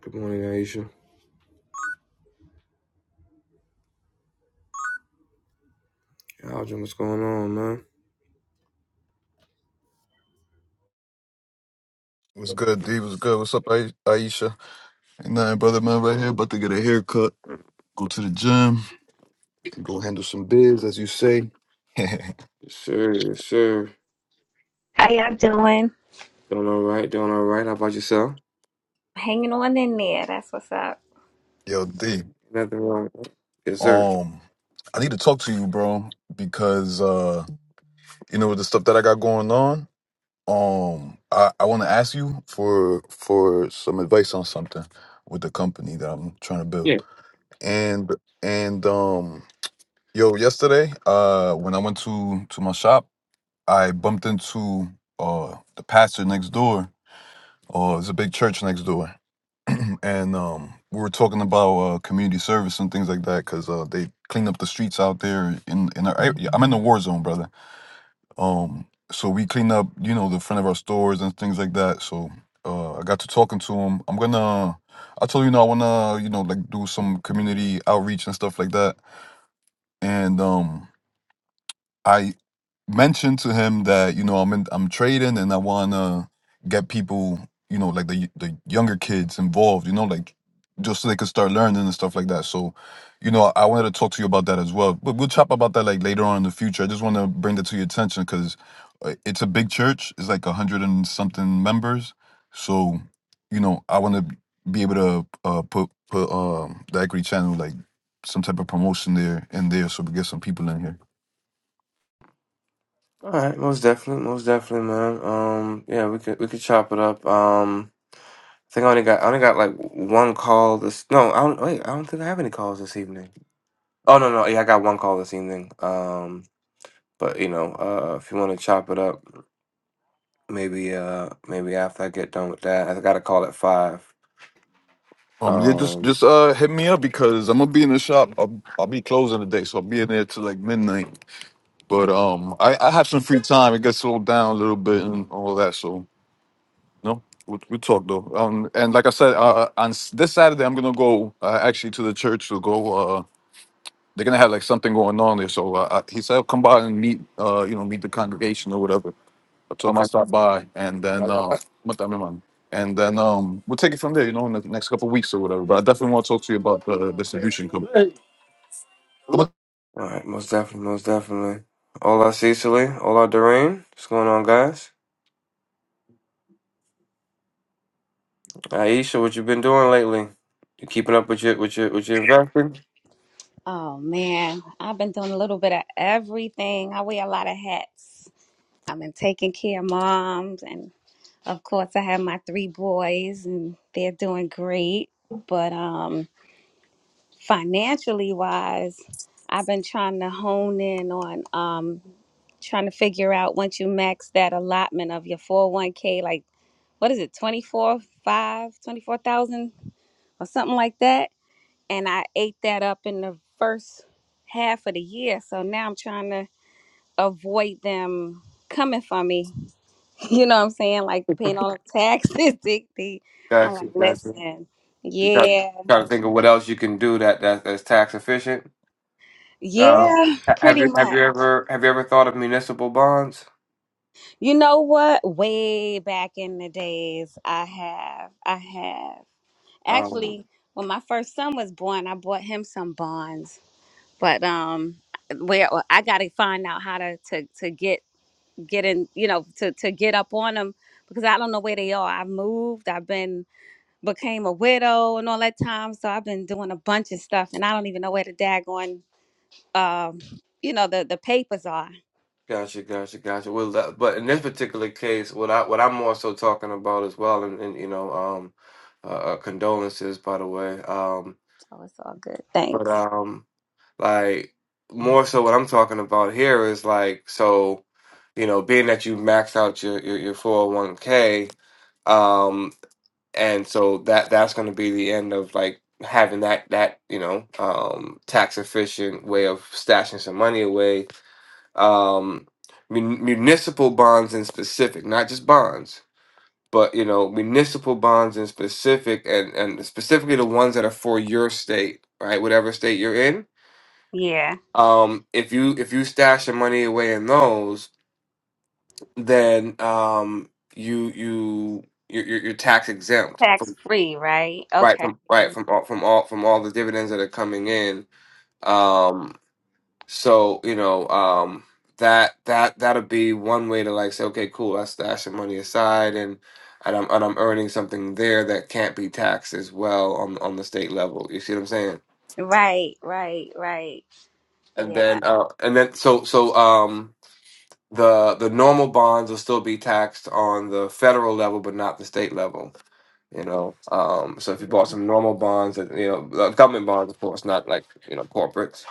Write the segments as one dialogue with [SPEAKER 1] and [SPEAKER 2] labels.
[SPEAKER 1] Good morning, Aisha. Algin, what's going on, man?
[SPEAKER 2] What's good, D? What's good? What's up, Ai- Aisha? Ain't nothing, brother, man, right here. About to get a haircut, go to the gym, go handle some biz, as you say.
[SPEAKER 1] Yes, sir. Yes, sir.
[SPEAKER 3] How y'all doing?
[SPEAKER 1] Doing all right. Doing all right. How about yourself?
[SPEAKER 3] Hanging on in there. That's what's up.
[SPEAKER 2] Yo, D,
[SPEAKER 1] Nothing wrong. Yes, sir.
[SPEAKER 2] um, I need to talk to you, bro, because, uh, you know, with the stuff that I got going on, um, I, I want to ask you for for some advice on something with the company that I'm trying to
[SPEAKER 1] Yeah.
[SPEAKER 2] build. And, and, um, yo, yesterday, uh, when I went to to my shop, I bumped into uh the pastor next door. Uh, it's a big church next door, and um, we were talking about uh, community service and things like that because uh, they clean up the streets out there. In in our, I- I'm in the war zone, brother. Um, so we clean up, you know, the front of our stores and things like that. So uh, I got to talking to him. I'm gonna, I told you, you know, I wanna, you know, like do some community outreach and stuff like that. And um, I mentioned to him that you know I'm in, I'm trading and I wanna get people you know like the the younger kids involved you know like just so they could start learning and stuff like that. So you know I wanted to talk to you about that as well, but we'll chop about that like later on in the future. I just want to bring that to your attention because it's a big church. It's like a hundred and something members. So you know I want to be able to uh, put put um, the Equity Channel like some type of promotion there and there so we get some people in here.
[SPEAKER 1] All right. Most definitely. Most definitely, man. Um. Yeah. We could. We could chop it up. Um. I think I only got. I only got like one call this. No. I don't. Wait. I don't think I have any calls this evening. Oh no no. Yeah. I got one call this evening. Um. But you know, uh, if you want to chop it up, maybe uh, maybe after I get done with that, I got a call at five.
[SPEAKER 2] Um, yeah, just
[SPEAKER 1] Um.
[SPEAKER 2] just uh hit me up because I'm gonna be in the shop. I'll, I'll be closing today, so I'll be in there till like midnight. But um, I, I have some free time. It gets slowed down a little bit and all that. So no, we'll, we'll talk though. Um, and like I said, uh, uh, on s- this Saturday I'm gonna go uh, actually to the church to go. Uh, they're gonna have like something going on there. So uh, I, he said, come by and meet. Uh, you know, meet the congregation or whatever. I told him
[SPEAKER 1] Okay.
[SPEAKER 2] I'll stop by and then uh what time am I? and then um we'll take it from there, you know, in the next couple of weeks or whatever. But I definitely want to talk to you about the distribution company.
[SPEAKER 1] All right, most definitely, most definitely. Hola Cecily, hola Doreen. What's going on, guys? Aisha, what you been doing lately? You keeping up with your with your with your investing?
[SPEAKER 3] Oh man, I've been doing a little bit of everything. I wear a lot of hats. I've been taking care of moms, and of course, I have my three boys, and they're doing great. But um, financially wise, I've been trying to hone in on um, trying to figure out once you max that allotment of your 401k, like what is it, 24, twenty four thousand, or something like that and I ate that up in the first half of the year. So now I'm trying to avoid them coming for me. You know what I'm saying? Like paying all the taxes. Dick, dick. I'm
[SPEAKER 1] Got
[SPEAKER 3] like,
[SPEAKER 1] you, got you.
[SPEAKER 3] listen,
[SPEAKER 1] You got-
[SPEAKER 3] yeah,
[SPEAKER 1] Trying to think of what else you can do that, that that's tax efficient. Um,
[SPEAKER 3] yeah,
[SPEAKER 1] ha- have
[SPEAKER 3] pretty
[SPEAKER 1] you have you
[SPEAKER 3] much.
[SPEAKER 1] ever have you ever thought of municipal bonds?
[SPEAKER 3] You know what? Way back in the days, I have, I have
[SPEAKER 1] Um,
[SPEAKER 3] actually. When my first son was born, I bought him some bonds, but um, where well, I got to find out how to to to get getting you know to to get up on them because I don't know where they are. I've moved. I've been became a widow and all that time. So I've been doing a bunch of stuff, and I don't even know where the daggone um you know the the papers are.
[SPEAKER 1] gotcha, gotcha, gotcha. Well, that, but in this particular case, what I what I'm also talking about as well, and, and you know, um, uh, uh, condolences by the way. Um,
[SPEAKER 3] So it's all good.
[SPEAKER 1] but
[SPEAKER 3] Thanks.
[SPEAKER 1] um. Like more so what I'm talking about here is like so, you know, being that you max out your your, your 401k, um, and so that that's going to be the end of like having that that you know um tax efficient way of stashing some money away. Um, mun- municipal bonds in specific, not just bonds. But you know, municipal bonds in specific, and and specifically the ones that are for your state, right? Whatever state you're in,
[SPEAKER 3] Yeah,
[SPEAKER 1] um, if you if you stash your money away in those, then um, you you you're, you're you're tax exempt
[SPEAKER 3] tax
[SPEAKER 1] from
[SPEAKER 3] free, right?
[SPEAKER 1] right
[SPEAKER 3] Okay.
[SPEAKER 1] from right from all, from all from all the dividends that are coming in. Um, so you know um, that that that'll be one way to like say, okay, cool, I stash some money aside and. And I'm, and I'm earning something there that can't be taxed as well on on the state level. You see what I'm saying?
[SPEAKER 3] Right, right, right.
[SPEAKER 1] And
[SPEAKER 3] Yeah,
[SPEAKER 1] then uh, and then so so um the the normal bonds will still be taxed on the federal level, but not the state level. You know, um, so if you bought some normal bonds, that you know, uh, government bonds, of course, not like you know, corporates.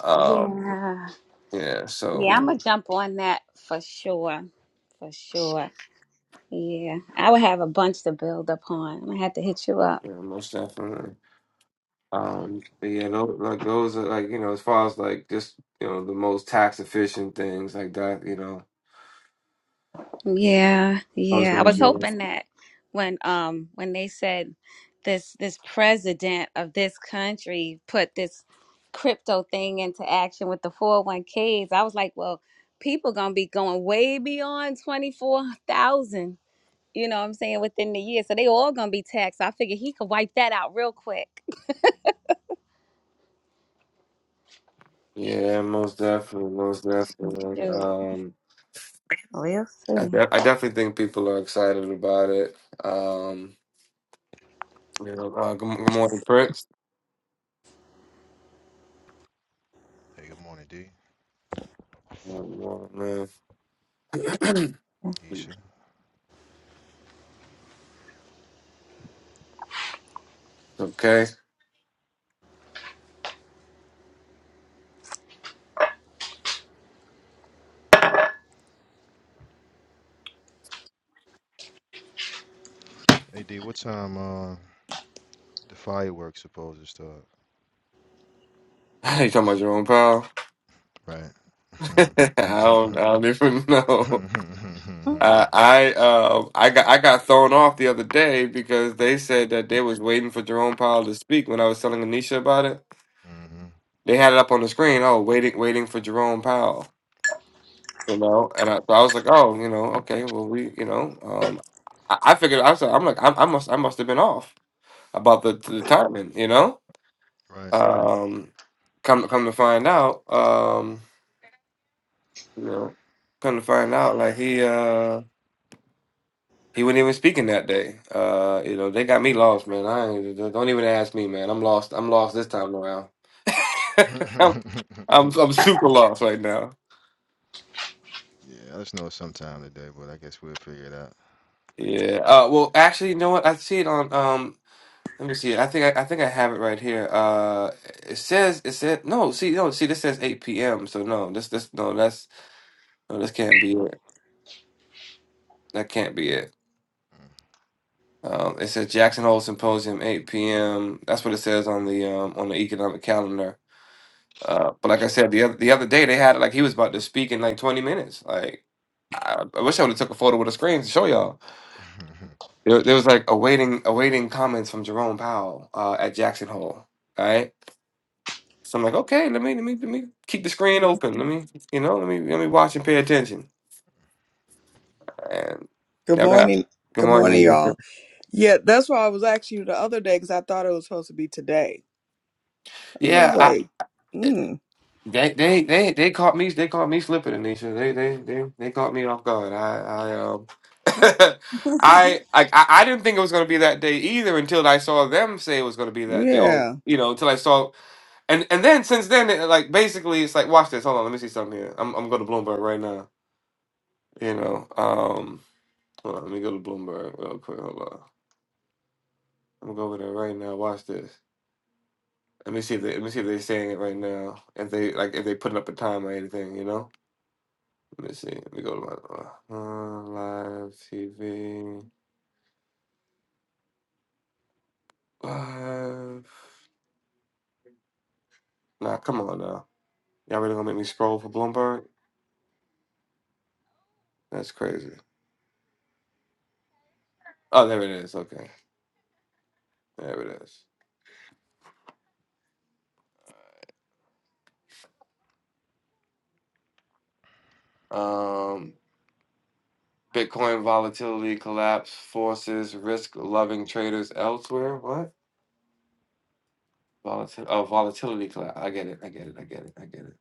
[SPEAKER 1] Um,
[SPEAKER 3] yeah.
[SPEAKER 1] yeah, so
[SPEAKER 3] Yeah, I'm gonna jump on that for sure. For sure. Yeah. I would have a bunch to build upon. I'm gonna have to hit you up.
[SPEAKER 1] yeah, most definitely. Um, but yeah, those, like those are like you know, as far as like just you know, the most tax efficient things like that. You know,
[SPEAKER 3] Yeah,
[SPEAKER 1] I was
[SPEAKER 3] yeah. I
[SPEAKER 1] gonna
[SPEAKER 3] was
[SPEAKER 1] do. it.
[SPEAKER 3] hoping that when um when they said this this president of this country put this crypto thing into action with the 401ks, I was like, well, people gonna be going way beyond 24,000. You know what I'm saying? Within the year. So they all gonna be taxed. So I figured he could wipe that out real quick.
[SPEAKER 1] Yeah, most definitely, most definitely. Um,
[SPEAKER 3] We'll
[SPEAKER 1] I,
[SPEAKER 3] see.
[SPEAKER 1] de- I definitely think people are excited about it. Um, You know, uh, good, good morning, Prince.
[SPEAKER 4] Hey, good morning, D.
[SPEAKER 1] Good morning, man.
[SPEAKER 4] Isha.
[SPEAKER 1] It's okay.
[SPEAKER 4] Hey, D, what time uh the fireworks supposed to start?
[SPEAKER 1] You talking about Jerome Powell.
[SPEAKER 4] Right.
[SPEAKER 1] I don't.
[SPEAKER 4] hmm
[SPEAKER 1] I don't even know. Uh, I uh, I got I got thrown off the other day because they said that they was waiting for Jerome Powell to speak when I was telling Anisha about it. They had it up on the screen. Oh, waiting, waiting for Jerome Powell. You know, and I, I was like, oh, you know, okay, well, we, you know, um, I, I figured I was, like, I'm like, I, I must, I must have been off about the the timing, you know.
[SPEAKER 4] Right.
[SPEAKER 1] Um, come come to find out, um, you know, come to find out, like he uh he wasn't even speaking that day. Uh, you know, they got me lost, man. I ain't, don't don't even ask me, man. I'm lost. I'm lost this time around. I'm, I'm I'm super lost right now.
[SPEAKER 4] yeah, I just know it's sometime today, but I guess we'll figure it out.
[SPEAKER 1] Yeah. Uh, well, actually, you know what? I see it on. Um, let me see. I think I, I think I have it right here. Uh, it says it said no. See, no. See, this says eight p.m. So no, this this no. That's no. This can't be it. That can't be it. Um, it says Jackson Hole Symposium, 8 p.m. That's what it says on the um, on the economic calendar. Uh, but like I said, the other the other day they had it like he was about to speak in like 20 minutes. Like I, I wish I would have took a photo with a screen to show y'all. There, there was like awaiting awaiting comments from Jerome Powell uh, at Jackson Hole. Right. so I'm like, okay, let me let me let me keep the screen open. Let me you know let me let me watch and pay attention. And
[SPEAKER 5] Good
[SPEAKER 1] never happened.
[SPEAKER 5] morning.
[SPEAKER 1] Good
[SPEAKER 5] Good
[SPEAKER 1] morning,
[SPEAKER 5] morning,
[SPEAKER 1] Mr.
[SPEAKER 5] y'all. Yeah, that's why I was asking you the other day because I thought it was supposed to be today. I was
[SPEAKER 1] Yeah, I,
[SPEAKER 5] like, mm,
[SPEAKER 1] They they they they caught me they caught me slipping, Anisha. They they they they caught me off guard. I I um I I I I didn't think it was gonna be that day either until I saw them say it was gonna be that day. Oh,
[SPEAKER 5] yeah,
[SPEAKER 1] you know, until I saw and and then since then it, like basically it's like watch this. Hold on, let me see something here. I'm I'm going to Bloomberg right now. You know, um, hold on, let me go to Bloomberg real quick. Hold on, I'm gonna go over there right now. Watch this. Let me see if they, let me see if they're saying it right now. If they like if they putting up a time or anything, you know. Let me see. Let me go to my uh, live TV. Live. Nah, come on now. Y'all really gonna make me scroll for Bloomberg? That's crazy. Oh, there it is. Okay, there it is. Um, Bitcoin volatility collapse forces risk-loving traders elsewhere. What? Volatil- oh, volatility collapse. I get it. I get it. I get it. I get it.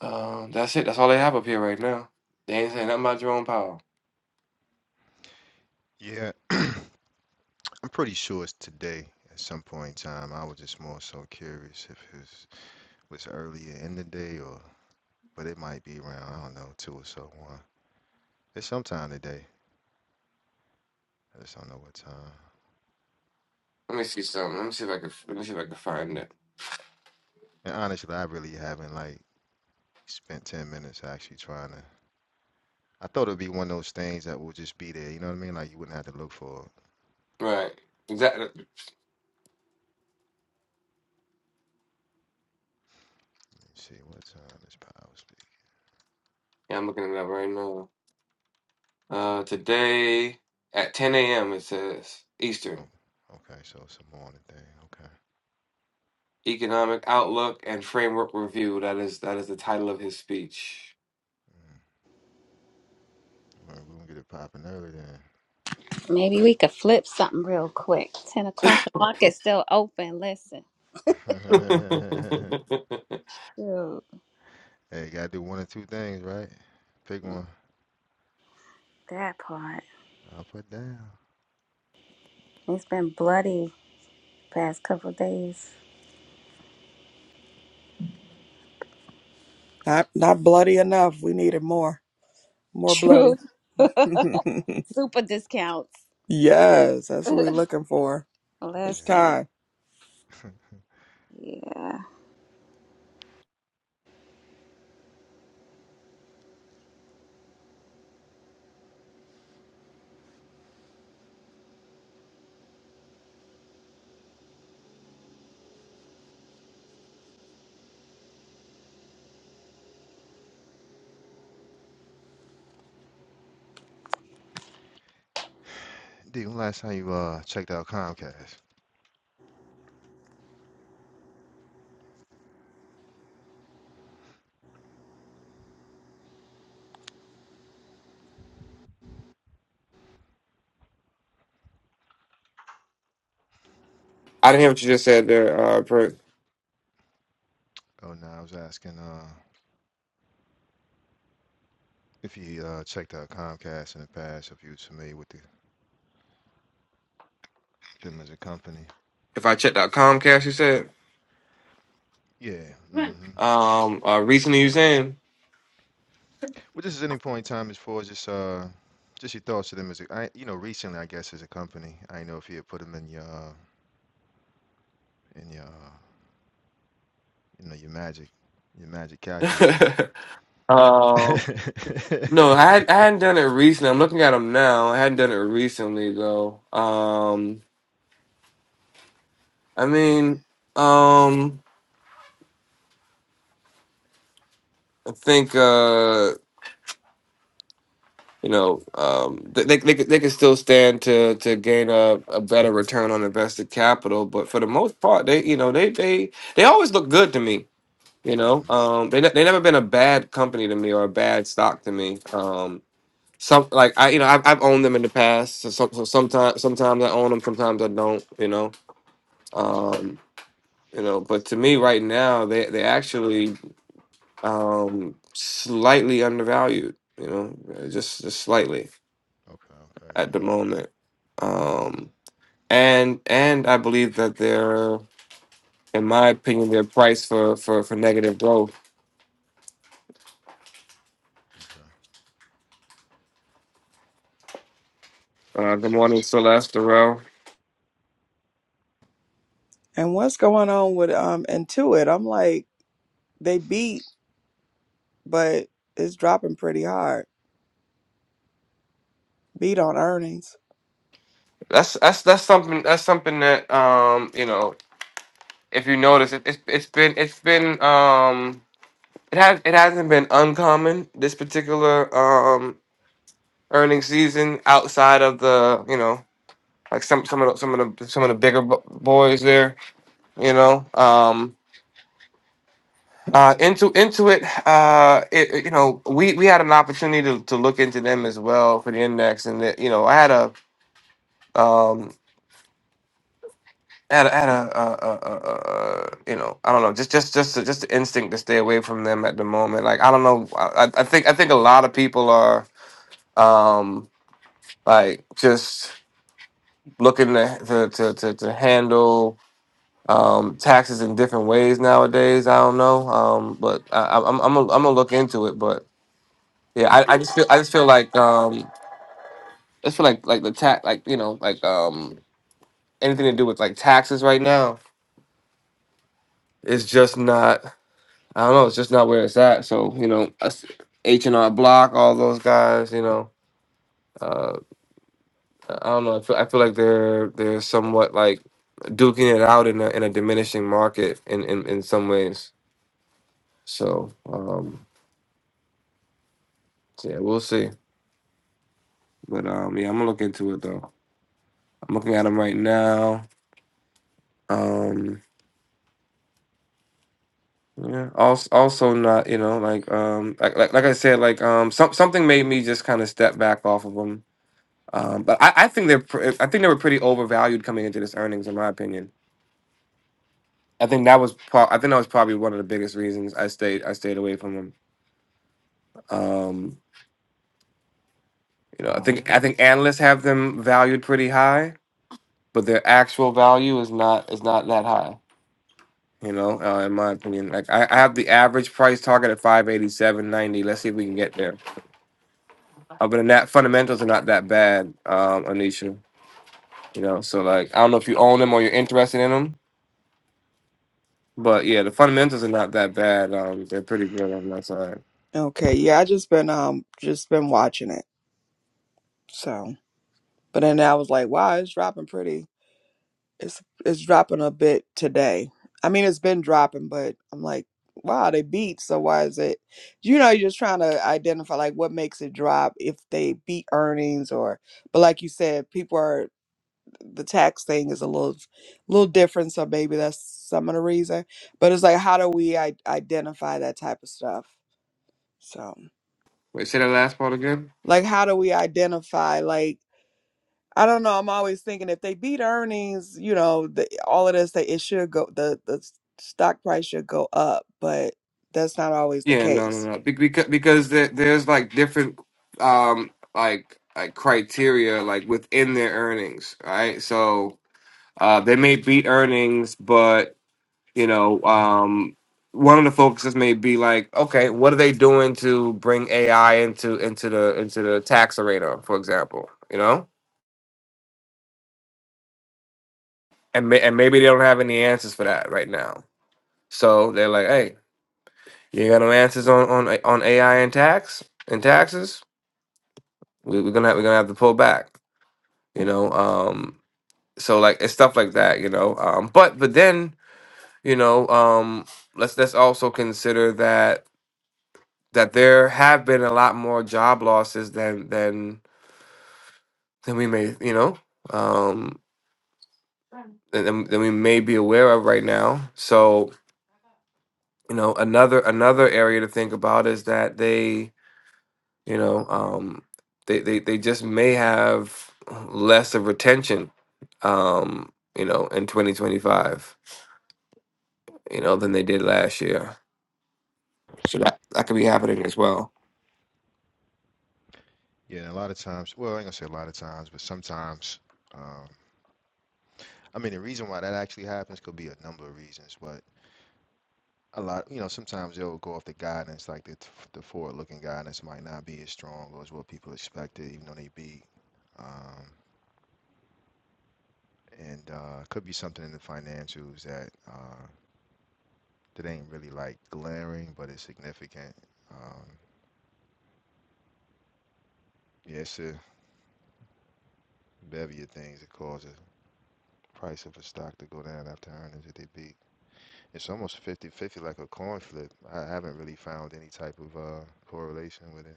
[SPEAKER 1] Um, that's it. That's all they have up here right now. They ain't saying nothing about Jerome Powell.
[SPEAKER 4] yeah, I'm pretty sure it's today at some point in time. I was just more so curious if it was, was earlier in the day or, but it might be around, I don't know, two or so one. It's sometime today. I just don't know what time.
[SPEAKER 1] Let me see something. Let me see if I can. Let me see if I can find it.
[SPEAKER 4] And honestly, I really haven't like spent 10 minutes actually trying to. I thought it'd be one of those things that will just be there. You know what I mean? Like you wouldn't have to look for it.
[SPEAKER 1] Right. Exactly.
[SPEAKER 4] Let me see what time this power speak.
[SPEAKER 1] Yeah, I'm looking it up right now. Uh, today at 10 a.m. it says
[SPEAKER 4] Oh,
[SPEAKER 1] Eastern
[SPEAKER 4] okay. So it's a morning thing. Okay. Oh,
[SPEAKER 1] Economic Outlook and Framework Review. That is that is the title of his speech.
[SPEAKER 4] mm, All right, we're gonna get it popping early
[SPEAKER 3] Maybe we could flip something real quick. 10 o'clock, the
[SPEAKER 1] I
[SPEAKER 3] market's still open. Listen.
[SPEAKER 4] then.
[SPEAKER 3] Dude,
[SPEAKER 4] hey, you gotta do one or two things, right? Pick one.
[SPEAKER 3] that part.
[SPEAKER 4] I'll put down.
[SPEAKER 3] It's been bloody past couple days.
[SPEAKER 5] not not bloody enough. We needed more, more bloody.
[SPEAKER 3] True. Super discounts.
[SPEAKER 5] yes, that's what we're looking for. It's
[SPEAKER 4] Yeah.
[SPEAKER 3] Listen.
[SPEAKER 5] time.
[SPEAKER 3] Yeah.
[SPEAKER 4] D, when last time you uh checked out Comcast?
[SPEAKER 1] didn't hear what you just said there. Uh, per,
[SPEAKER 4] Oh no, I was asking uh if you uh checked out Comcast in the past, if you was familiar with the Them as a company.
[SPEAKER 1] if I checked out Comcast, you said
[SPEAKER 4] Yeah. hmm
[SPEAKER 1] um uh, recently you saying.
[SPEAKER 4] Well, just at any point in time, as far as just uh, just your thoughts to them as a, I, you know, recently, I guess, as a company, I don't know if you had put them in your, uh, in your, uh, you know, your magic, your magic calculator.
[SPEAKER 1] um, no, I had, I hadn't done it recently. I'm looking at them now. I hadn't done it recently though. Um, I
[SPEAKER 4] Yeah.
[SPEAKER 1] mean, um, I think. Uh, you know, um, th- they they could- they could still stand to to gain a, a better return on invested capital. But for the most part, they you know they they they always look good to me. You
[SPEAKER 4] Mm.
[SPEAKER 1] know,
[SPEAKER 4] hmm
[SPEAKER 1] um, they ne- they never been a bad company to me or a bad stock to me. Um, some like I you know I've, I've owned them in the past. So, some, so sometimes sometimes I own them, sometimes I don't. You know,
[SPEAKER 4] Gotcha.
[SPEAKER 1] um, you know. But to me, right now, they they actually um, slightly undervalued. You know, just just slightly.
[SPEAKER 4] Okay. Okay.
[SPEAKER 1] at the
[SPEAKER 4] Okay.
[SPEAKER 1] moment. Um, and and I believe that they're, in my opinion, they're priced for for for negative growth.
[SPEAKER 4] Okay.
[SPEAKER 1] Uh, good
[SPEAKER 4] Gotcha.
[SPEAKER 1] morning, Celeste, Darrell.
[SPEAKER 5] And what's going on with um Intuit? I'm like, they beat, but it's dropping pretty hard. Beat on earnings.
[SPEAKER 1] That's that's that's something that's something that um you know if you notice it, it's it's been it's been um it has it hasn't been uncommon this particular um earnings season outside of the you know like some some of the, some of the some of the bigger bo- boys there you know Um Uh, into into it, uh, it, it- you know, we we had an opportunity to, to look into them as well for the index, and that you know, I had a um, had a, had a, uh uh uh uh you know, I don't know, just just just just the instinct to stay away from them at the moment. Like I don't know, I, I I think I think a lot of people are um like just looking to to to to, to handle um taxes in different ways nowadays. I don't know, um, but I, I'm I'm gonna I'm gonna look into it, Yeah, I, I just feel I just feel like um I just feel like like the tax like you know like um anything to do with like taxes right now is just not I don't know it's just not where it's at. So you know H and R Block, all those guys, you know, uh, I don't know. I feel I feel like they're they're somewhat like duking it out in a in a diminishing market in in, in some ways. So um so yeah, we'll see. But um yeah, I'm gonna look into it though. I'm looking at them right now. Um Yeah. Also, also not, you know, like um, like like, like I said, like um, some something made me just kind of step back off of them. Um, but I, I think they're pr- I think they were pretty overvalued coming into this earnings, in my opinion. I think that was pro- I think that was probably one of the biggest reasons I stayed I stayed away from them. Um, you know, I think I think analysts have them valued pretty high, but their actual value is not is not that high. You know, uh, in my opinion, like I, I have the average price target at five eighty seven ninety. Let's see if we can get there. Other than that, fundamentals are not that bad, um, Anisha. You know, so like I don't know if you own them or you're interested in them, but yeah, the fundamentals are not that bad. Um, they're pretty good on that side.
[SPEAKER 5] Okay, yeah, I just been um just been watching it. So, but then I was like, wow, it's dropping pretty. It's it's dropping a bit today. I mean, it's been dropping, but I'm like, wow, they beat. So why is it? You know, you're just trying to identify like what makes it drop if they beat earnings or. But like you said, people are the tax thing is a little little different, so maybe that's some of the reason. But it's like, how do we I- identify that type of stuff? So
[SPEAKER 1] Wait, say that last part again?
[SPEAKER 5] like, how do we identify like? I don't know. I'm always thinking if they beat earnings, you know, the, all of this, they, it should go, the, the s- stock price should go up, but that's not always the
[SPEAKER 1] Yeah, no,
[SPEAKER 5] case.
[SPEAKER 1] no, no. Because because there, there's like different um like like criteria like within their earnings, right? So uh, they may beat earnings, but You know, um, one of the focuses may be like, okay, what are they doing to bring AI into into the into the tax arena, for example? You know, and may, and maybe they don't have any answers for that right now. So they're like, hey, you got no answers on on on AI and tax and taxes? We, we're gonna have, we're gonna have to pull back. You know, um, so like it's stuff like that. You know, um, but but then you know, um, let's let's also consider that that there have been a lot more job losses than than than we may you know um than, than than we may be aware of right now so you know another another area to think about is that they you know um they they, they just may have less of retention um you know in 2025 you know than they did last year so that that could be happening as well
[SPEAKER 4] Yeah. And a lot of times, well, I ain't gonna say a lot of times, but sometimes, um, I mean, the reason why that actually happens could be a number of reasons, but. a lot, you know, sometimes they'll go off the guidance, like the, the forward-looking guidance might not be as strong or as what people expected, even though they beat. Um, and uh, could be something in the financials that uh, that ain't really like glaring, but it's significant. Um, yeah, it's a bevy of things that cause the price of a stock to go down after earnings that they beat. It's almost fifty-fifty, like a coin flip. I haven't really found any type of uh, correlation with it.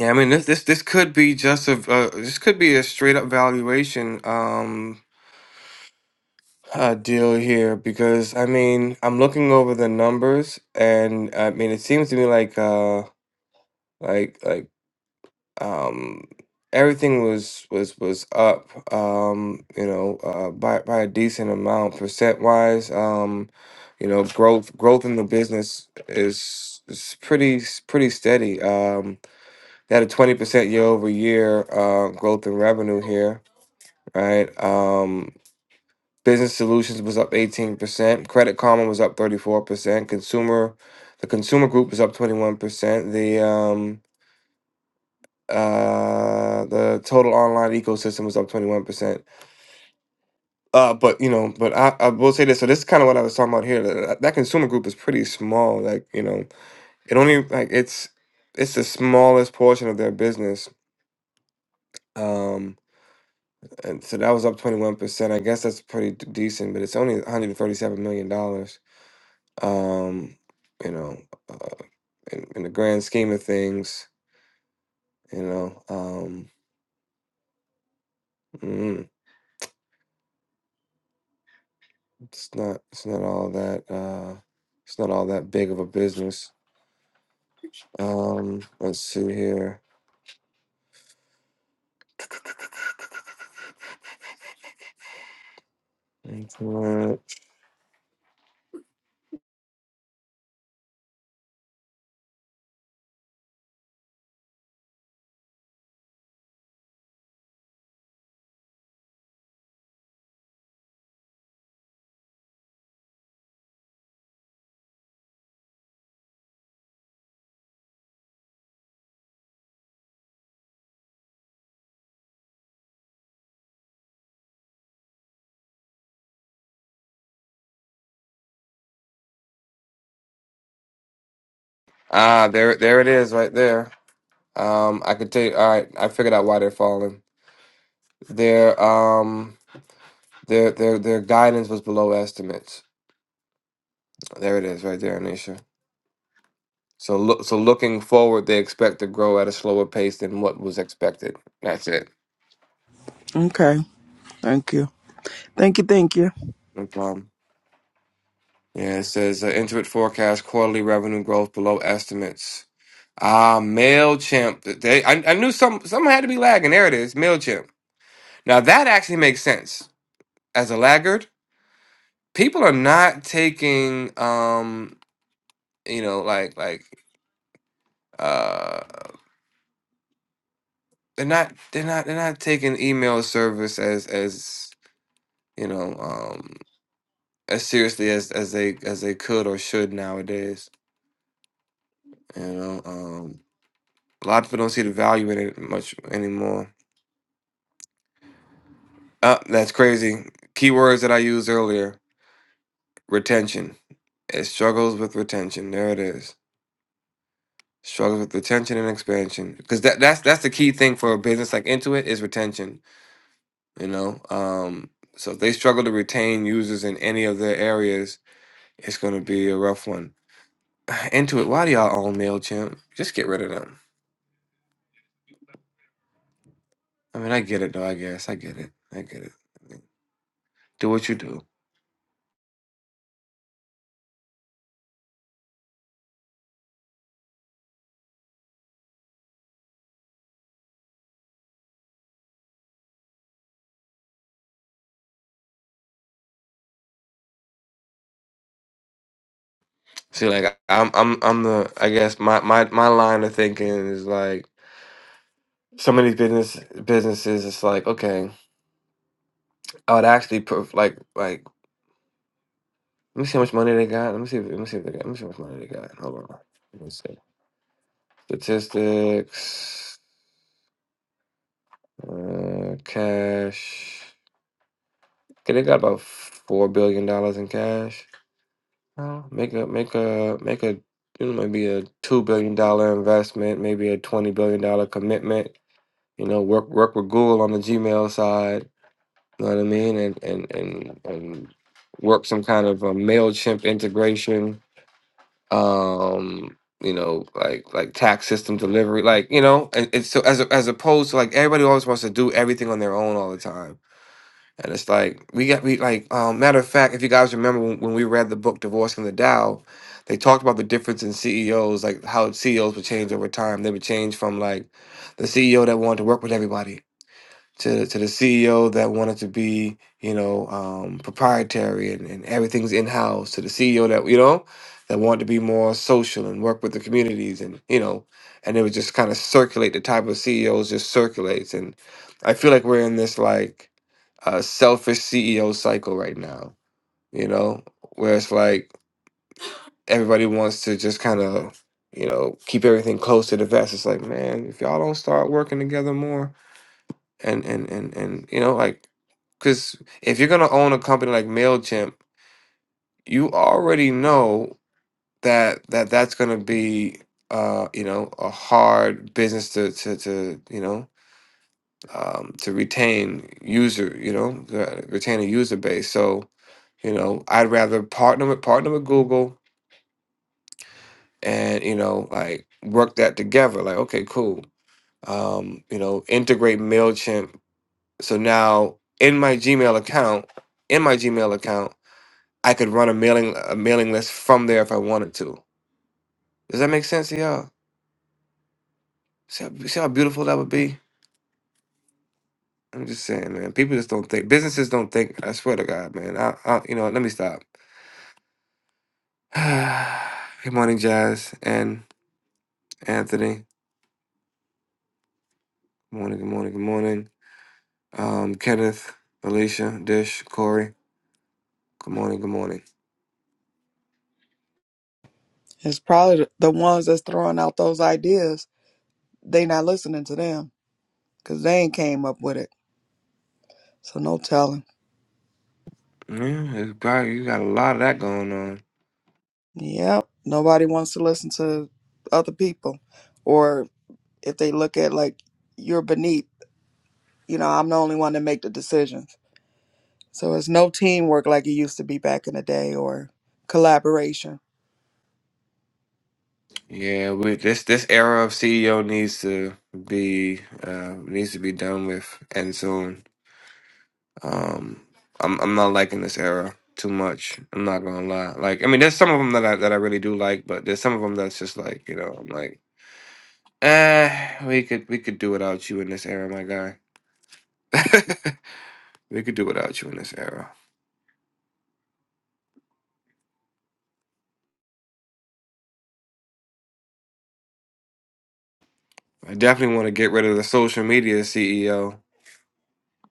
[SPEAKER 1] yeah, I mean this this this could be just a uh, this could be a straight up valuation. Um, uh, deal here because I mean I'm looking over the numbers and I mean it seems to me like uh like like um everything was was was up um you know uh by by a decent amount percent wise um you know growth growth in the business is is pretty s- pretty steady um they had a 20% year over year uh growth in revenue here right um. Business Solutions was up 18%. Credit Karma was up 34%. Consumer, the Consumer Group was up 21%. The um uh the total online ecosystem was up 21%. Uh but you know, but I, I will say this, so this is kind of what I was talking about here. That, that consumer group is pretty small. Like, you know, it only like it's it's the smallest portion of their business. Um and so that was up 21%. I guess that's pretty d- decent, but it's only $137 million. dollars. Um, you know, uh, in, in the grand scheme of things, you know, um, mm, it's not it's not all that uh, it's not all that big of a business. Um, let's see here. Internet. Ah, there, there it is, right there. Um, I could tell you. All right, I figured out why they're falling. They're um. Their their their guidance was below estimates. There it is, right there, Anisha. So look, so looking forward, they expect to grow at a slower pace than what was expected. That's it.
[SPEAKER 5] Okay. Thank you. Thank you. Thank you.
[SPEAKER 1] No problem. Yeah, it says uh, Intuit forecast quarterly revenue growth below estimates. Ah, Mailchimp. They, I, I knew some some had to be lagging. There it is, Mailchimp. Now that actually makes sense. As a laggard, people are not taking um, you know, like like uh, they're not they're not they're not taking email service as as you know um as seriously as as they as they could or should nowadays you know um a lot of people don't see the value in it much anymore uh that's crazy keywords that i used earlier retention it struggles with retention there it is struggles with retention and expansion because that that's that's the key thing for a business like intuit is retention you know um so if they struggle to retain users in any of their areas It's gonna be a rough one. Intuit, why do y'all own Mailchimp? Just get rid of them. I mean, I get it though. I guess I get it. I get it. I mean, do what you do. See, like I'm, I'm, I'm the. I guess my, my, my line of thinking is like some of these business businesses. It's like okay, I would actually put like like. Let me see how much money they got. Let me see. Let me see if they got. Let me see how much money they got. Hold on. Let me see. Statistics. Uh, cash. Okay, they got about four billion dollars in cash. Uh, make a make a make a you know maybe a two billion dollar investment, maybe a twenty billion dollar commitment. You know, work work with Google on the Gmail side. You know what I mean, and and and and work some kind of a Mailchimp integration. Um, you know, like like tax system delivery, like you know, and it's so as as opposed to like everybody always wants to do everything on their own all the time and it's like we got we like um, matter of fact, if you guys remember when, when we read the book Divorcing the Dow, they talked about the difference in CEOs, like how CEOs would change over time. They would change from like the CEO that wanted to work with everybody to to the CEO that wanted to be, you know, um, proprietary and, and everything's in house, to the CEO that you know that wanted to be more social and work with the communities, and you know, and it would just kind of circulate. The type of CEOs just circulates, and I feel like we're in this like uh, selfish CEO cycle right now, you know, where it's like everybody wants to just kind of. You know, keep everything close to the vest. It's like, man, if y'all don't start working together more, and and and and you know like because if you're gonna own a company like Mailchimp, you already know that that that's gonna be uh you know a hard business to to to you know um to retain user you know uh, retain a user base. So you know I'd rather partner with partner with Google and you know like work that together. Like okay cool. Um, you know, integrate Mailchimp So now in my Gmail account, in my Gmail account, I could run a mailing a mailing list from there if I wanted to. Does that make sense to y'all? See how, see how beautiful that would be? I'm just saying, man. People just don't think. Businesses don't think. I swear to God, man. I, I you know, what, let me stop. good morning, Jazz and Anthony. Good morning, good morning, good morning. Um, Kenneth, Alicia, Dish, Corey. Good morning, good morning.
[SPEAKER 5] It's probably the the ones that's throwing out those ideas. They not listening to them because they ain't came up with it. So no telling.
[SPEAKER 1] Yeah, it's probably, you got a lot of that going on.
[SPEAKER 5] Yep. Nobody wants to listen to other people. Or if they look at like you're beneath, you know, I'm the only one to make the decisions. So it's no teamwork like it used to be back in the day or collaboration.
[SPEAKER 1] Yeah, we this this era of CEO needs to be uh needs to be done with and soon. Um I'm I'm not liking this era too much. I'm not gonna lie. Like I mean there's some of them that I that I really do like, but there's some of them that's just like, you know, I'm like, eh, we could we could do without you in this era, my guy. we could do without you in this era. I definitely want to get rid of the social media CEO.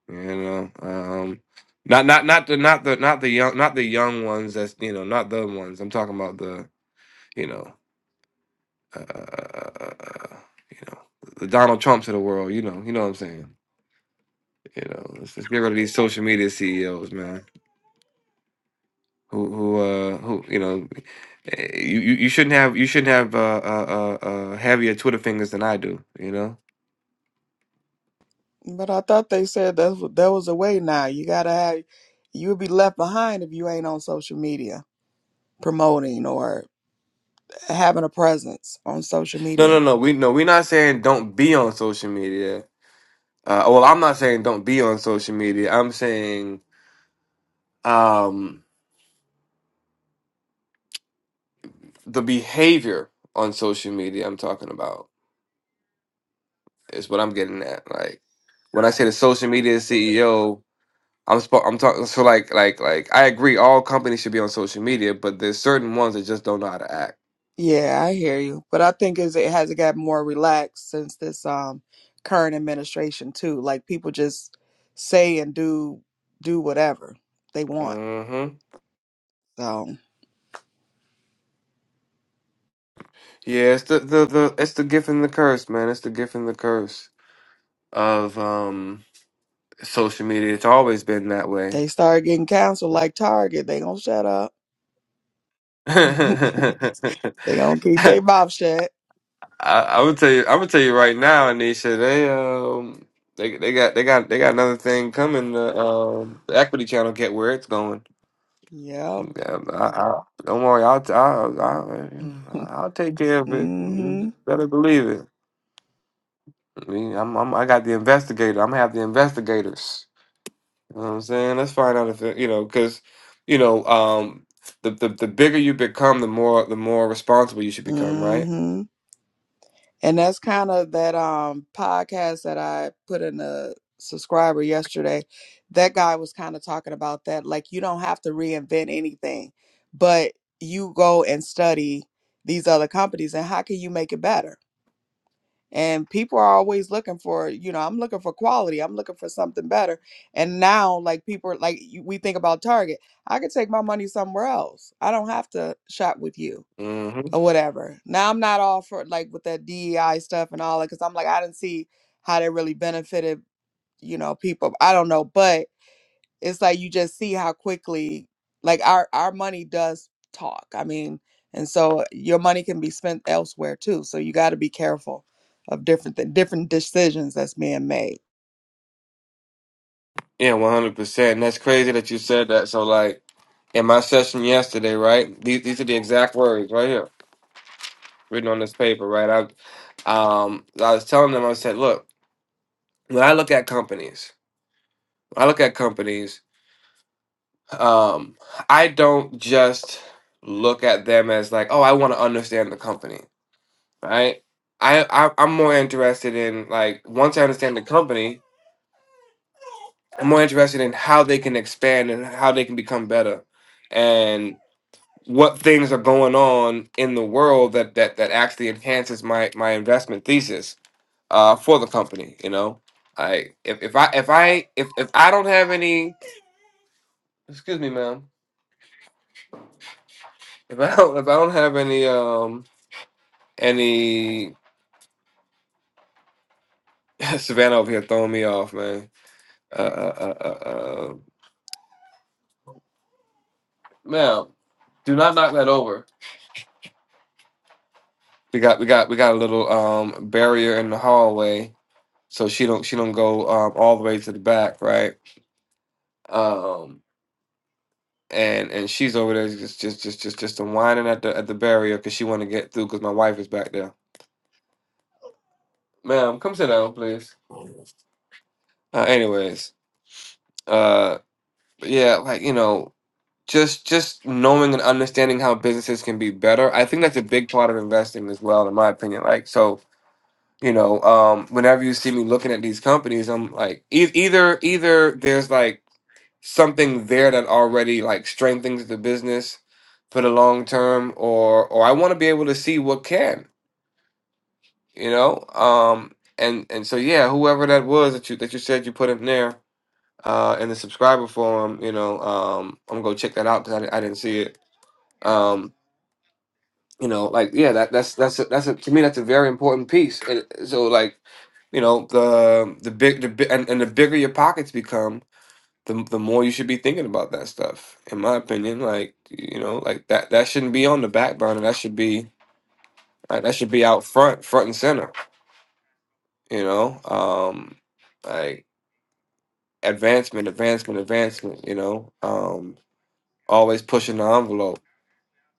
[SPEAKER 1] You know, um, not not not the not the not the young not the young ones. That's you know not the ones. I'm talking about the you know uh, you know the Donald Trumps of the world. You know, you know what I'm saying. You know, let's, let's get rid of these social media CEOs, man. Who who uh who you know eh, you you you shouldn't have you shouldn't have uh uh uh uh, heavier Twitter fingers than I do. You know.
[SPEAKER 5] But I thought they said that was- there was a way now. You gotta have you'll be left behind if you ain't on social media promoting or having a presence on social
[SPEAKER 1] No no
[SPEAKER 5] media.
[SPEAKER 1] no we no we're not saying don't be on social media. Uh, well, I'm not saying don't be on social media. I'm saying Um, the behavior on social media I'm talking about is what I'm getting at. Like when I say the social media CEO, I'm sp- I'm talking so like like like I agree all companies should be on social media, but there's certain ones that just don't know how to act.
[SPEAKER 5] Yeah, I hear you. But I think is it has got more relaxed since this um current administration too. Like people just say and do do whatever they want.
[SPEAKER 1] Mm-hmm.
[SPEAKER 5] So
[SPEAKER 1] Yeah, it's the, the the it's the gift and the curse, man. It's the gift and the curse of um social media. It's always been that way.
[SPEAKER 5] they start getting canceled like Target. They gonna shut up. they gonna keep their mouth shut.
[SPEAKER 1] I, I would tell you, I would tell you right now, Anisha. They um, they they got they got they got another thing coming. Uh, um, the Equity Channel get where it's going.
[SPEAKER 5] Yep.
[SPEAKER 1] Um, I, I, don't worry, I'll, t- I'll I'll I'll take care of it.
[SPEAKER 5] mm-hmm.
[SPEAKER 1] You better believe it. I mean, I'm, I'm I got the investigator. I'm gonna have the investigators. You know what I'm saying? Let's find out if it, you know, because you know, um, the, the the bigger you become, the more the more responsible you should become, right?
[SPEAKER 5] Mm-hmm. And that's kind of that um podcast that I put in the subscriber yesterday. That guy was kind of talking about that. Like you don't have to reinvent anything, but you go and study these other companies and how can you make it better? And people are always looking for, you know, I'm looking for quality. I'm looking for something better. And now, like people, are- like you- we think about Target, I could take my money somewhere else. I don't have to shop with you
[SPEAKER 1] Mm-hmm.
[SPEAKER 5] or whatever. Now I'm not all for like with that DEI stuff and all that because I'm like I didn't see how that really benefited you know people. I don't know, but it's like you just see how quickly like our our money does talk. I mean, and so your money can be spent elsewhere too. So you got to be careful of different th- different decisions that's being made.
[SPEAKER 1] Yeah, one hundred percent. And that's crazy that you said that. So like in my session yesterday, right? These these are the exact words right here, written on this paper, right? I um I was telling them, I said, look, when I look at companies, when I look at companies, um, I don't just look at them as like, oh, I want to understand the company, right? I, I I'm more interested in like once I understand the company, I'm more interested in how they can expand and how they can become better. what things are going on in the world that that that actually enhances my my investment thesis uh for the company you know i if, if i if i if, if i don't have any excuse me ma'am if i don't if i don't have any um any savannah over here throwing me off man uh uh uh, uh, uh ma'am do not knock that over we got we got we got a little um barrier in the hallway so she don't she don't go um all the way to the back right um and and she's over there just just just just just whining at the at the barrier because she want to get through because my wife is back there. Ma'am, come sit down, please. Uh, anyways, uh, but yeah, like you know, just just knowing and understanding how businesses can be better. I think that's a big part of investing as well, in my opinion. Like so. You know, um, whenever you see me looking at these companies, I'm like, e- either either there's like something there that already like strengthens the business for the long term, or or I want to be able to see what can. you know um and and so yeah whoever that was that you that you said you put in there uh in the subscriber forum you know um i'm gonna go check that out because I, di- I didn't see it um you know like yeah that that's that's a, that's a, to me that's a very important piece and it- so like you know the the big the bi- and, and the bigger your pockets become the, the more you should be thinking about that stuff in my opinion like you know like that that shouldn't be on the back burner that should be like, that should be out front front and center you know um like advancement, advancement, advancement. You know, um, always pushing the envelope.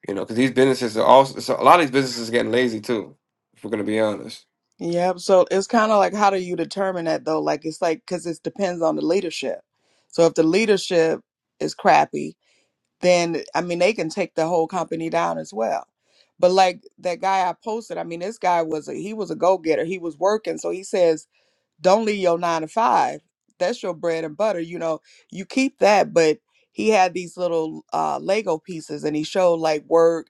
[SPEAKER 1] You know, because these businesses are also so a lot of these businesses are getting lazy too. If we're gonna be honest,
[SPEAKER 5] Yep. So it's kind of like how do you determine that though? Like it's like because it depends on the leadership. So if the leadership is crappy, then I mean they can take the whole company down as well. But like that guy I posted, I mean this guy was a, he was a go getter. He was working, so he says don't leave your nine to five. That's your bread and butter. You know, you keep that, but he had these little uh Lego pieces and he showed like work,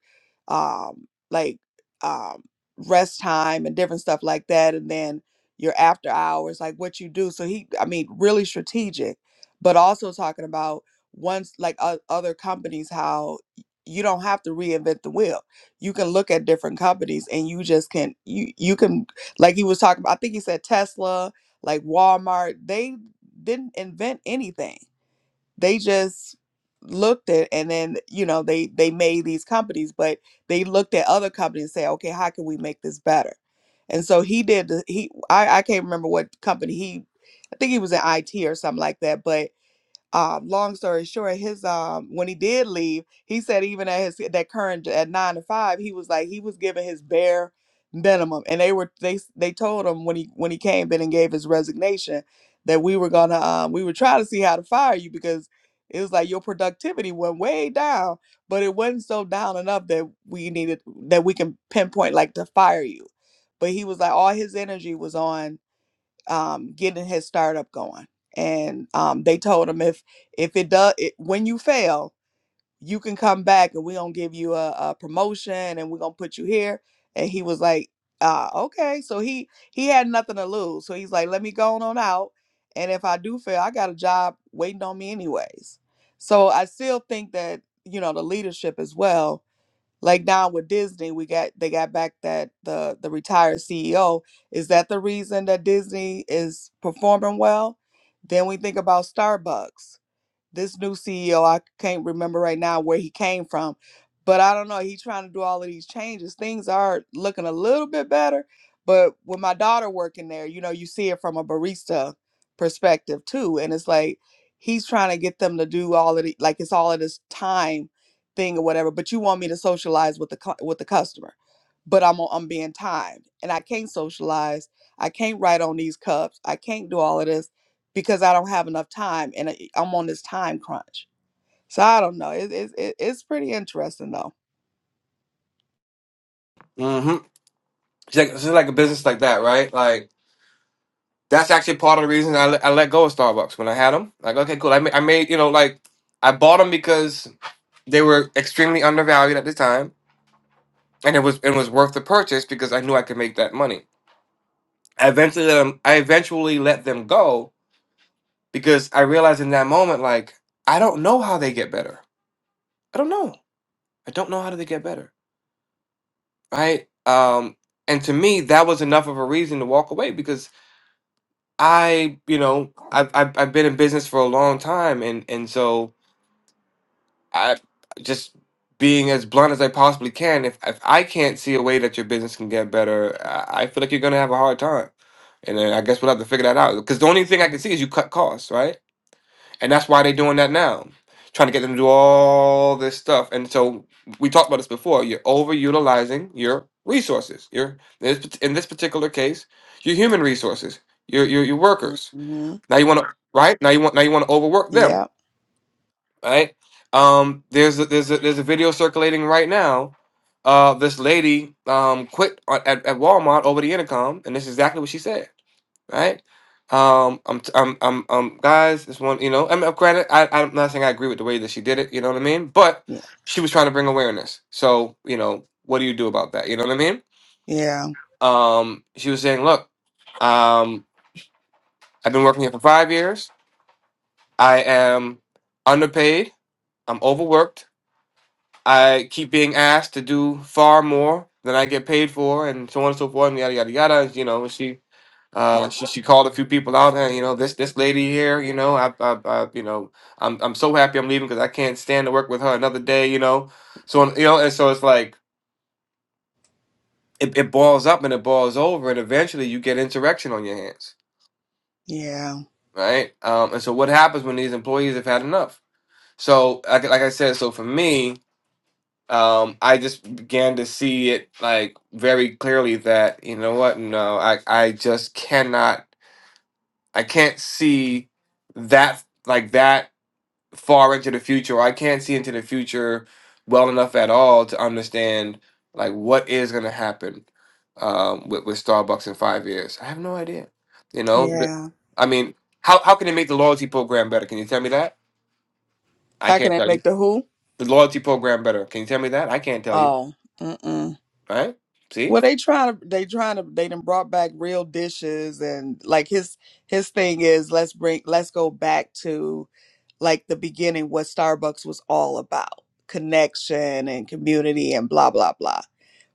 [SPEAKER 5] um, like um rest time and different stuff like that, and then your after hours, like what you do. So he I mean, really strategic, but also talking about once like o- other companies, how y- you don't have to reinvent the wheel. You can look at different companies and you just can you you can like he was talking about, I think he said Tesla like Walmart, they didn't invent anything. They just looked at and then you know they they made these companies, but they looked at other companies and say, okay, how can we make this better? And so he did. The, he I I can't remember what company he. I think he was in IT or something like that, but um, long story short, his um, when he did leave, he said even at his that current at nine to five, he was like he was giving his bare minimum, and they were they s- they told him when he when he came in and gave his resignation that we were gonna um, we were trying to see how to fire you because it was like your productivity went way down, but it wasn't so down enough that we needed that we can pinpoint like to fire you, but he was like all his energy was on um, getting his startup going. And um, they told him if if it does it, when you fail, you can come back and we're gonna give you a, a promotion and we're gonna put you here. And he was like, uh, okay. So he he had nothing to lose. So he's like, let me go on, on out. And if I do fail, I got a job waiting on me anyways. So I still think that, you know, the leadership as well like now with Disney, we got they got back that the the retired CEO. Is that the reason that Disney is performing well? Then we think about Starbucks this new CEO, I can't remember right now where he came from, but I don't know. He's trying to do all of these changes. Things are looking a little bit better, but with my daughter working there, you know, you see it from a barista perspective too, and it's like he's trying to get them to do all of the like it's all of this time thing or whatever. But you want me to socialize with the cu- with the customer, but I'm I'm being timed, and I can't socialize. I can't write on these cups. I can't do all of this because I don't have enough time and I- I'm on this time crunch. So I don't know. It, it, it, it's pretty interesting though.
[SPEAKER 1] mm-hmm. it's, like, it's just like a business like that, right? Like that's actually part of the reason I, let- I let go of Starbucks when I had them. Like, okay, cool. I made, I made you know like I bought them because they were extremely undervalued at the time, and it was it was worth the purchase because I knew I could make that money. I eventually let them. I eventually let them go because I realized in that moment, like, I don't know how they get better. I don't know. I don't know how do they get better, right? Um, and to me, that was enough of a reason to walk away because I, you know, I've I've, I've been in business for a long time, and and so I just being as blunt as I possibly can. If if I can't see a way that your business can get better, I, I feel like you're gonna have a hard time. And then I guess we'll have to figure that out because the only thing I can see is you cut costs, right? And that's why they're doing that now, trying to get them to do all this stuff. And so we talked about this before. You're overutilizing your resources. Your in this in this particular case, your human resources, your your, your workers.
[SPEAKER 5] Mm-hmm.
[SPEAKER 1] Now you want to right now you want now you want to overwork them.
[SPEAKER 5] Yeah.
[SPEAKER 1] Right? Um, there's a, there's a, there's a video circulating right now. Uh, this lady um, quit on- at, at Walmart over the intercom, and this is exactly what she said right? Um, I'm, t- I'm, I'm, um, guys, this one, you know, I mean, granted, I, I'm not saying I agree with the way that she did it, you know what I mean? But
[SPEAKER 5] Yeah.
[SPEAKER 1] she was trying to bring awareness. So, you know, what do you do about that? You know what I mean?
[SPEAKER 5] Yeah.
[SPEAKER 1] Um, she was saying, look, um, I've been working here for five years. I am underpaid. I'm overworked. I keep being asked to do far more than I get paid for, and so on and so forth, and yada yada yada. You know, she Uh, she she called a few people out. Hey, you know this this lady here. You know I I, I you know I'm I'm so happy I'm leaving because I can't stand to work with her another day. You know, so you know, and so it's like it, it balls up and it balls over, and eventually you get insurrection on your hands,
[SPEAKER 5] Yeah.
[SPEAKER 1] right? Um, and so what happens when these employees have had enough? So like like I said, so for me, um, I just began to see it like very clearly that you know what? No, I I just cannot. I can't see that like that far into the future. Or I can't see into the future well enough at all to understand like what is going to happen um, with with Starbucks in five years. I have no idea. You know, But-
[SPEAKER 5] Yeah.
[SPEAKER 1] I mean, how how can they make the loyalty program better? Can you tell me that? I
[SPEAKER 5] How can
[SPEAKER 1] can't
[SPEAKER 5] I
[SPEAKER 1] tell you.
[SPEAKER 5] make the who?
[SPEAKER 1] The loyalty program better. Can you tell me that? I can't tell you.
[SPEAKER 5] Oh, mm-mm.
[SPEAKER 1] Right? See?
[SPEAKER 5] Well, they trying to, they trying to, they done brought back real dishes and like his, his thing is let's bring, let's go back to like the beginning, what Starbucks was all about connection and community and blah, blah, blah.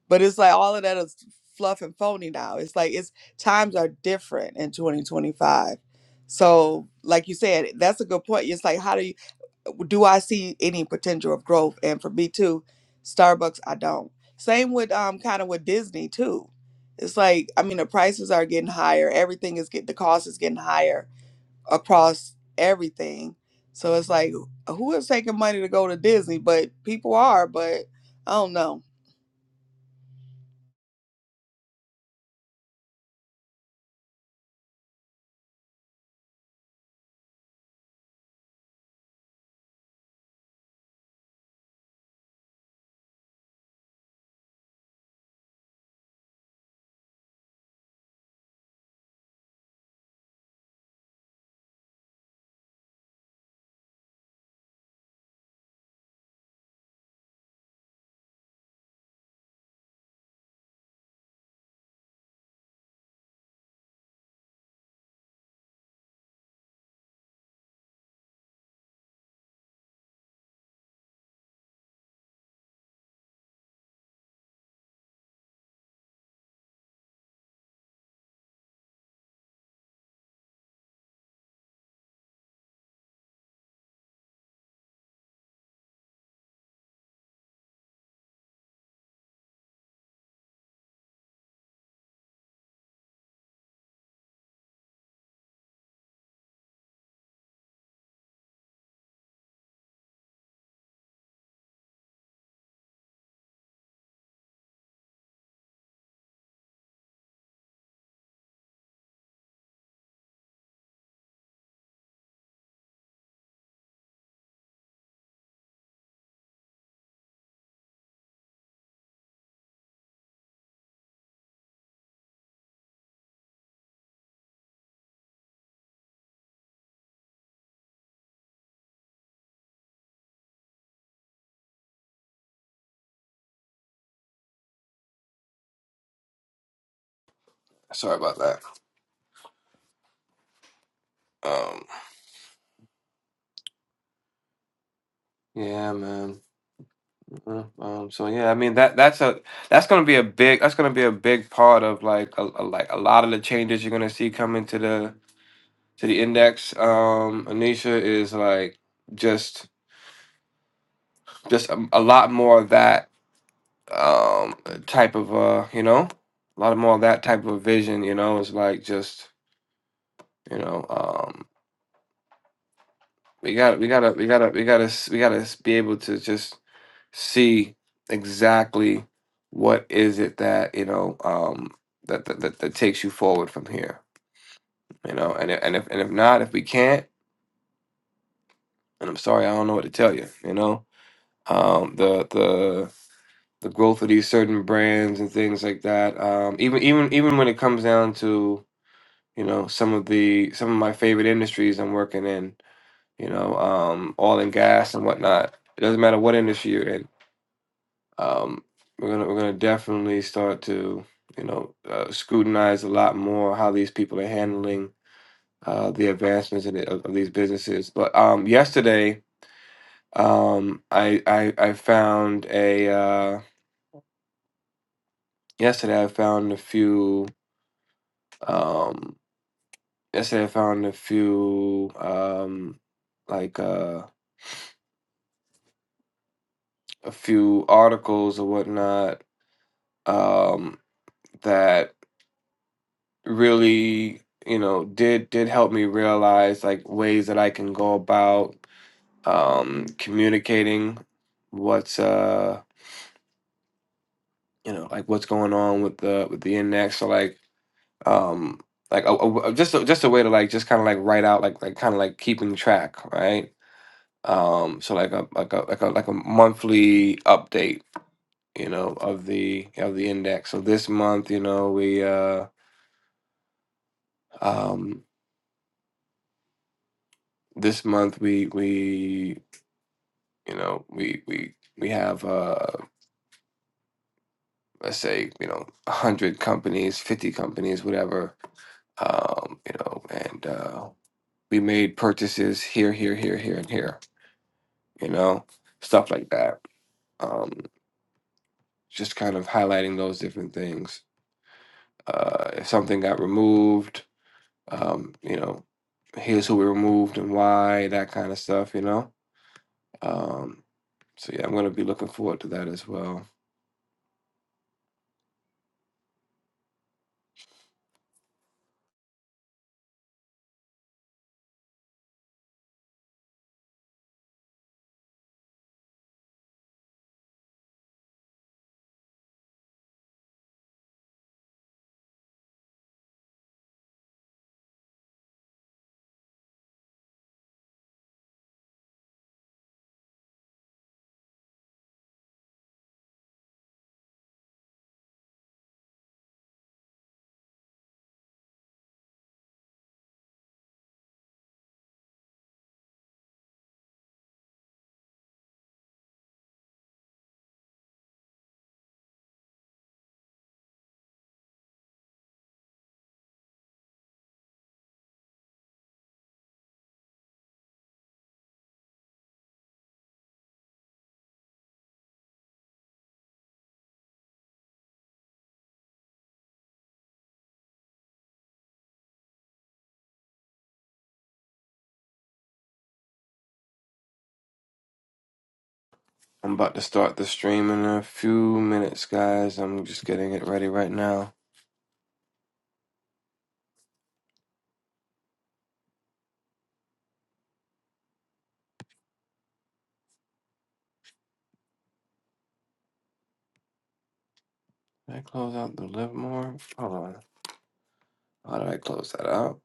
[SPEAKER 5] But it's like all of that is fluff and phony now. It's like it's times are different in 2025. So, like you said, that's a good point. It's like, how do you? do I see any potential of growth? And for me too, Starbucks, I don't. Same with um kind of with Disney too. It's like I mean the prices are getting higher. Everything is get the cost is getting higher across everything. So it's like who is taking money to go to Disney? But people are. But I don't know.
[SPEAKER 1] Sorry about that. Um, yeah, man. Mhm. Um, so yeah, I mean that that's a that's gonna be a big that's gonna be a big part of like a, a- like a lot of the changes you're gonna see coming to the to the index. Um, Anisha is like just just a, a lot more of that um type of uh you know a lot more of that type of vision. You know, it's like just you know um we got to we gotta we gotta we gotta s- we gotta s- be able to just see exactly what is it that you know um that that, that, that takes you forward from here. You know, and if- and if and if not, if we can't, and I'm sorry, I don't know what to tell you. You know um the the growth of these certain brands and things like that. Um, even even even when it comes down to you know some of the some of my favorite industries I'm working in, you know, um, oil and gas and whatnot. It doesn't matter what industry you're in. Um, we're gonna we're gonna definitely start to you know uh, scrutinize a lot more how these people are handling uh, the advancements in the, of, of these businesses. But um, yesterday, um, I, I I found a uh, yesterday I found a few. Um, yesterday I found a few um, like uh, a few articles or whatnot um, that really you know did did help me realize like ways that I can go about um, communicating what's uh you know like what's going on with the with the index so like um like a, a- a- just a, just a way to like just kind of like write out like like kind of like keeping track right um so like a like a like a like a monthly update you know of the of the index so this month you know we uh um this month we we you know we we we have uh let's say you know 100 companies 50 companies whatever um you know and uh we made purchases here here here here and here you know stuff like that um just kind of highlighting those different things uh if something got removed um, you know, here's who we removed and why, that kind of stuff, you know. Um, so yeah, I'm gonna be looking forward to that as well. I'm about to start the stream in a few minutes, guys. I'm just getting it ready right now. Did I close out the live more? Hold on. How did I close that out?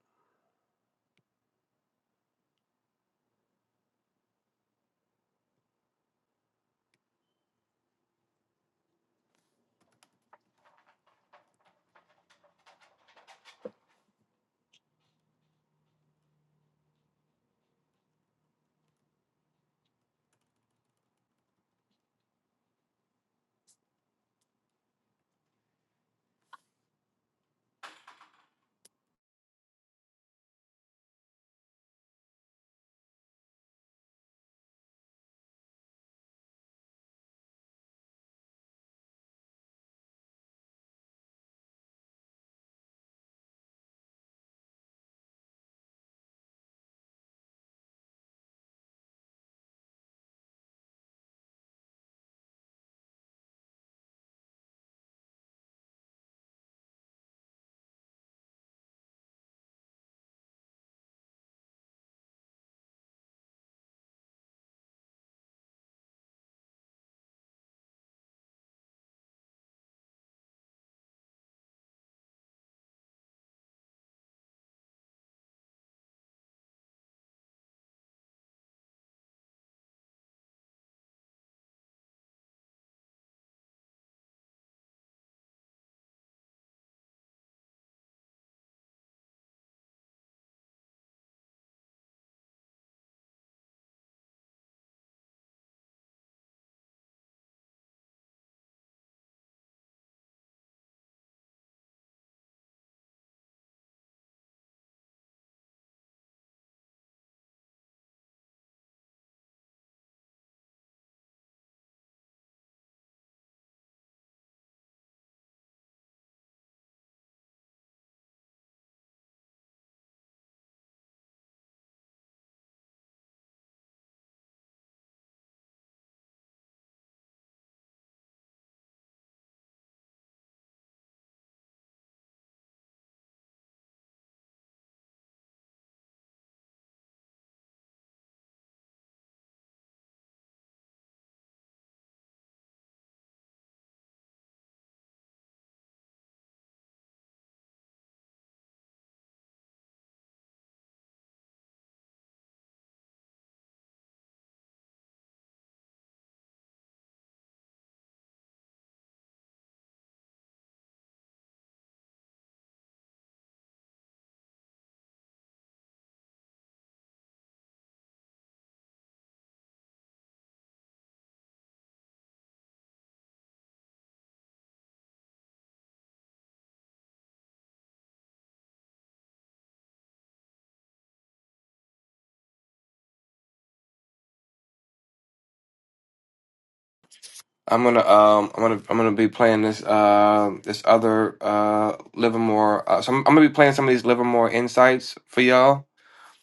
[SPEAKER 1] I'm gonna um I'm gonna I'm gonna be playing this um this other uh Livermore uh, so I'm, I'm gonna be playing some of these Livermore insights for y'all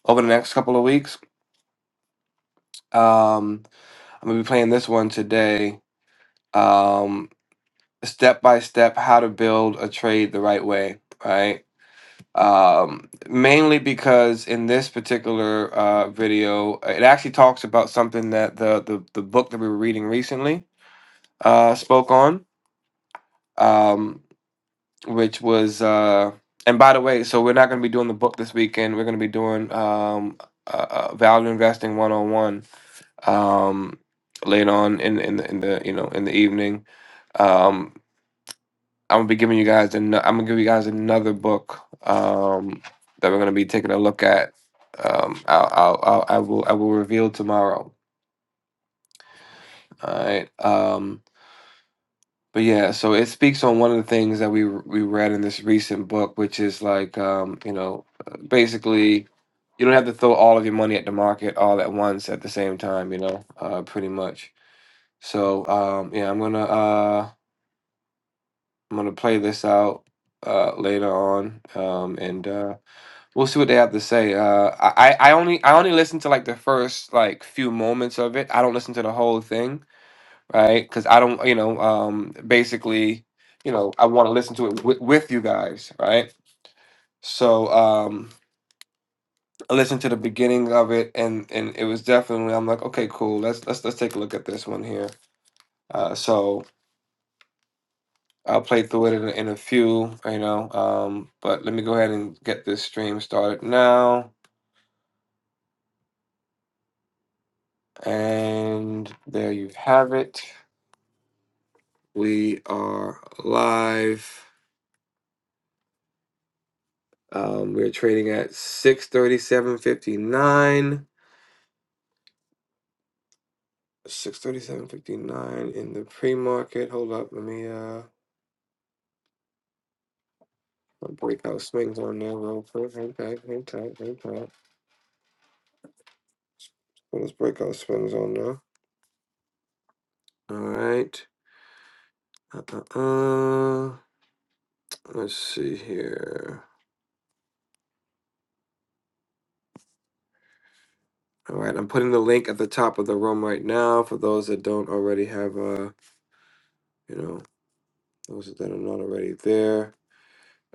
[SPEAKER 1] over the next couple of weeks. Um I'm gonna be playing this one today um, step by step how to build a trade the right way, right? Um, mainly because in this particular uh, video, it actually talks about something that the the, the book that we were reading recently uh, spoke on, um, which was. Uh, and by the way, so we're not going to be doing the book this weekend. We're going to be doing um, uh, uh, value investing one on one um later on in in the, in the you know in the evening. um. I'm gonna be giving you guys an, I'm gonna give you guys another book um, that we're gonna be taking a look at. Um, I'll, I'll, I'll I will I will reveal tomorrow. All right. Um, but yeah, so it speaks on one of the things that we we read in this recent book, which is like um, you know basically you don't have to throw all of your money at the market all at once at the same time. You know, uh, pretty much. So um, yeah, I'm gonna uh, I'm gonna play this out uh, later on um, and. Uh, We'll see what they have to say. Uh, I I I only I only listen to like the first like few moments of it. I don't listen to the whole thing, right? Because I don't, you know, um, basically, you know, I want to listen to it wi with you guys, right? So um, I listened to the beginning of it, and and it was definitely I'm like, okay, cool. Let's let's let's take a look at this one here. Uh, so I'll play through it in a, in a few, you know. Um, but let me go ahead and get this stream started now, and there you have it. We are live. Um, we're trading at 637.59. 637.59 in the pre-market. Hold up, let me uh my breakout swings on there real quick. Hang tight, hang tight, hang tight. Put those breakout swings on there. All right. Uh uh uh. Let's see here. All right, I'm putting the link at the top of the room right now for those that don't already have uh, you know, those that are not already there.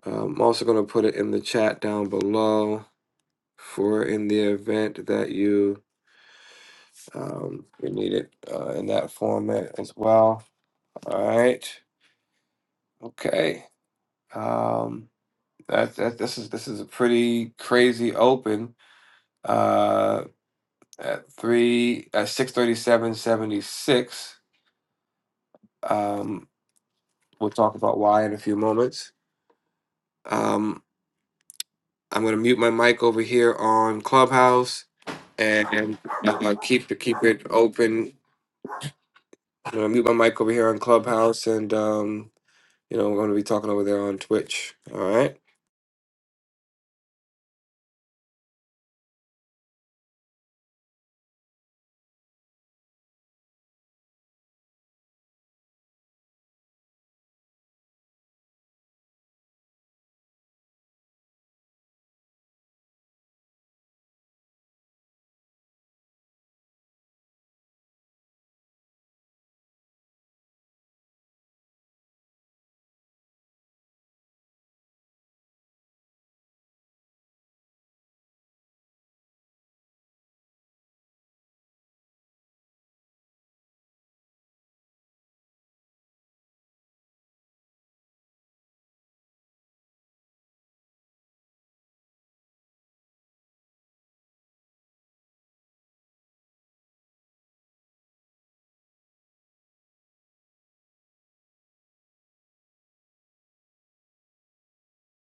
[SPEAKER 1] Um, I'm also going to put it in the chat down below for in the event that you um, you need it uh, in that format as well. All right. Okay. Um, that, that this is this is a pretty crazy open uh, at three at six thirty seven seventy six. Um, we'll talk about why in a few moments. Um, I'm going to mute my mic over here on Clubhouse and uh, keep keep it open I'm gonna mute my mic over here on Clubhouse, and um, you know, we're gonna be talking over there on Twitch. All right.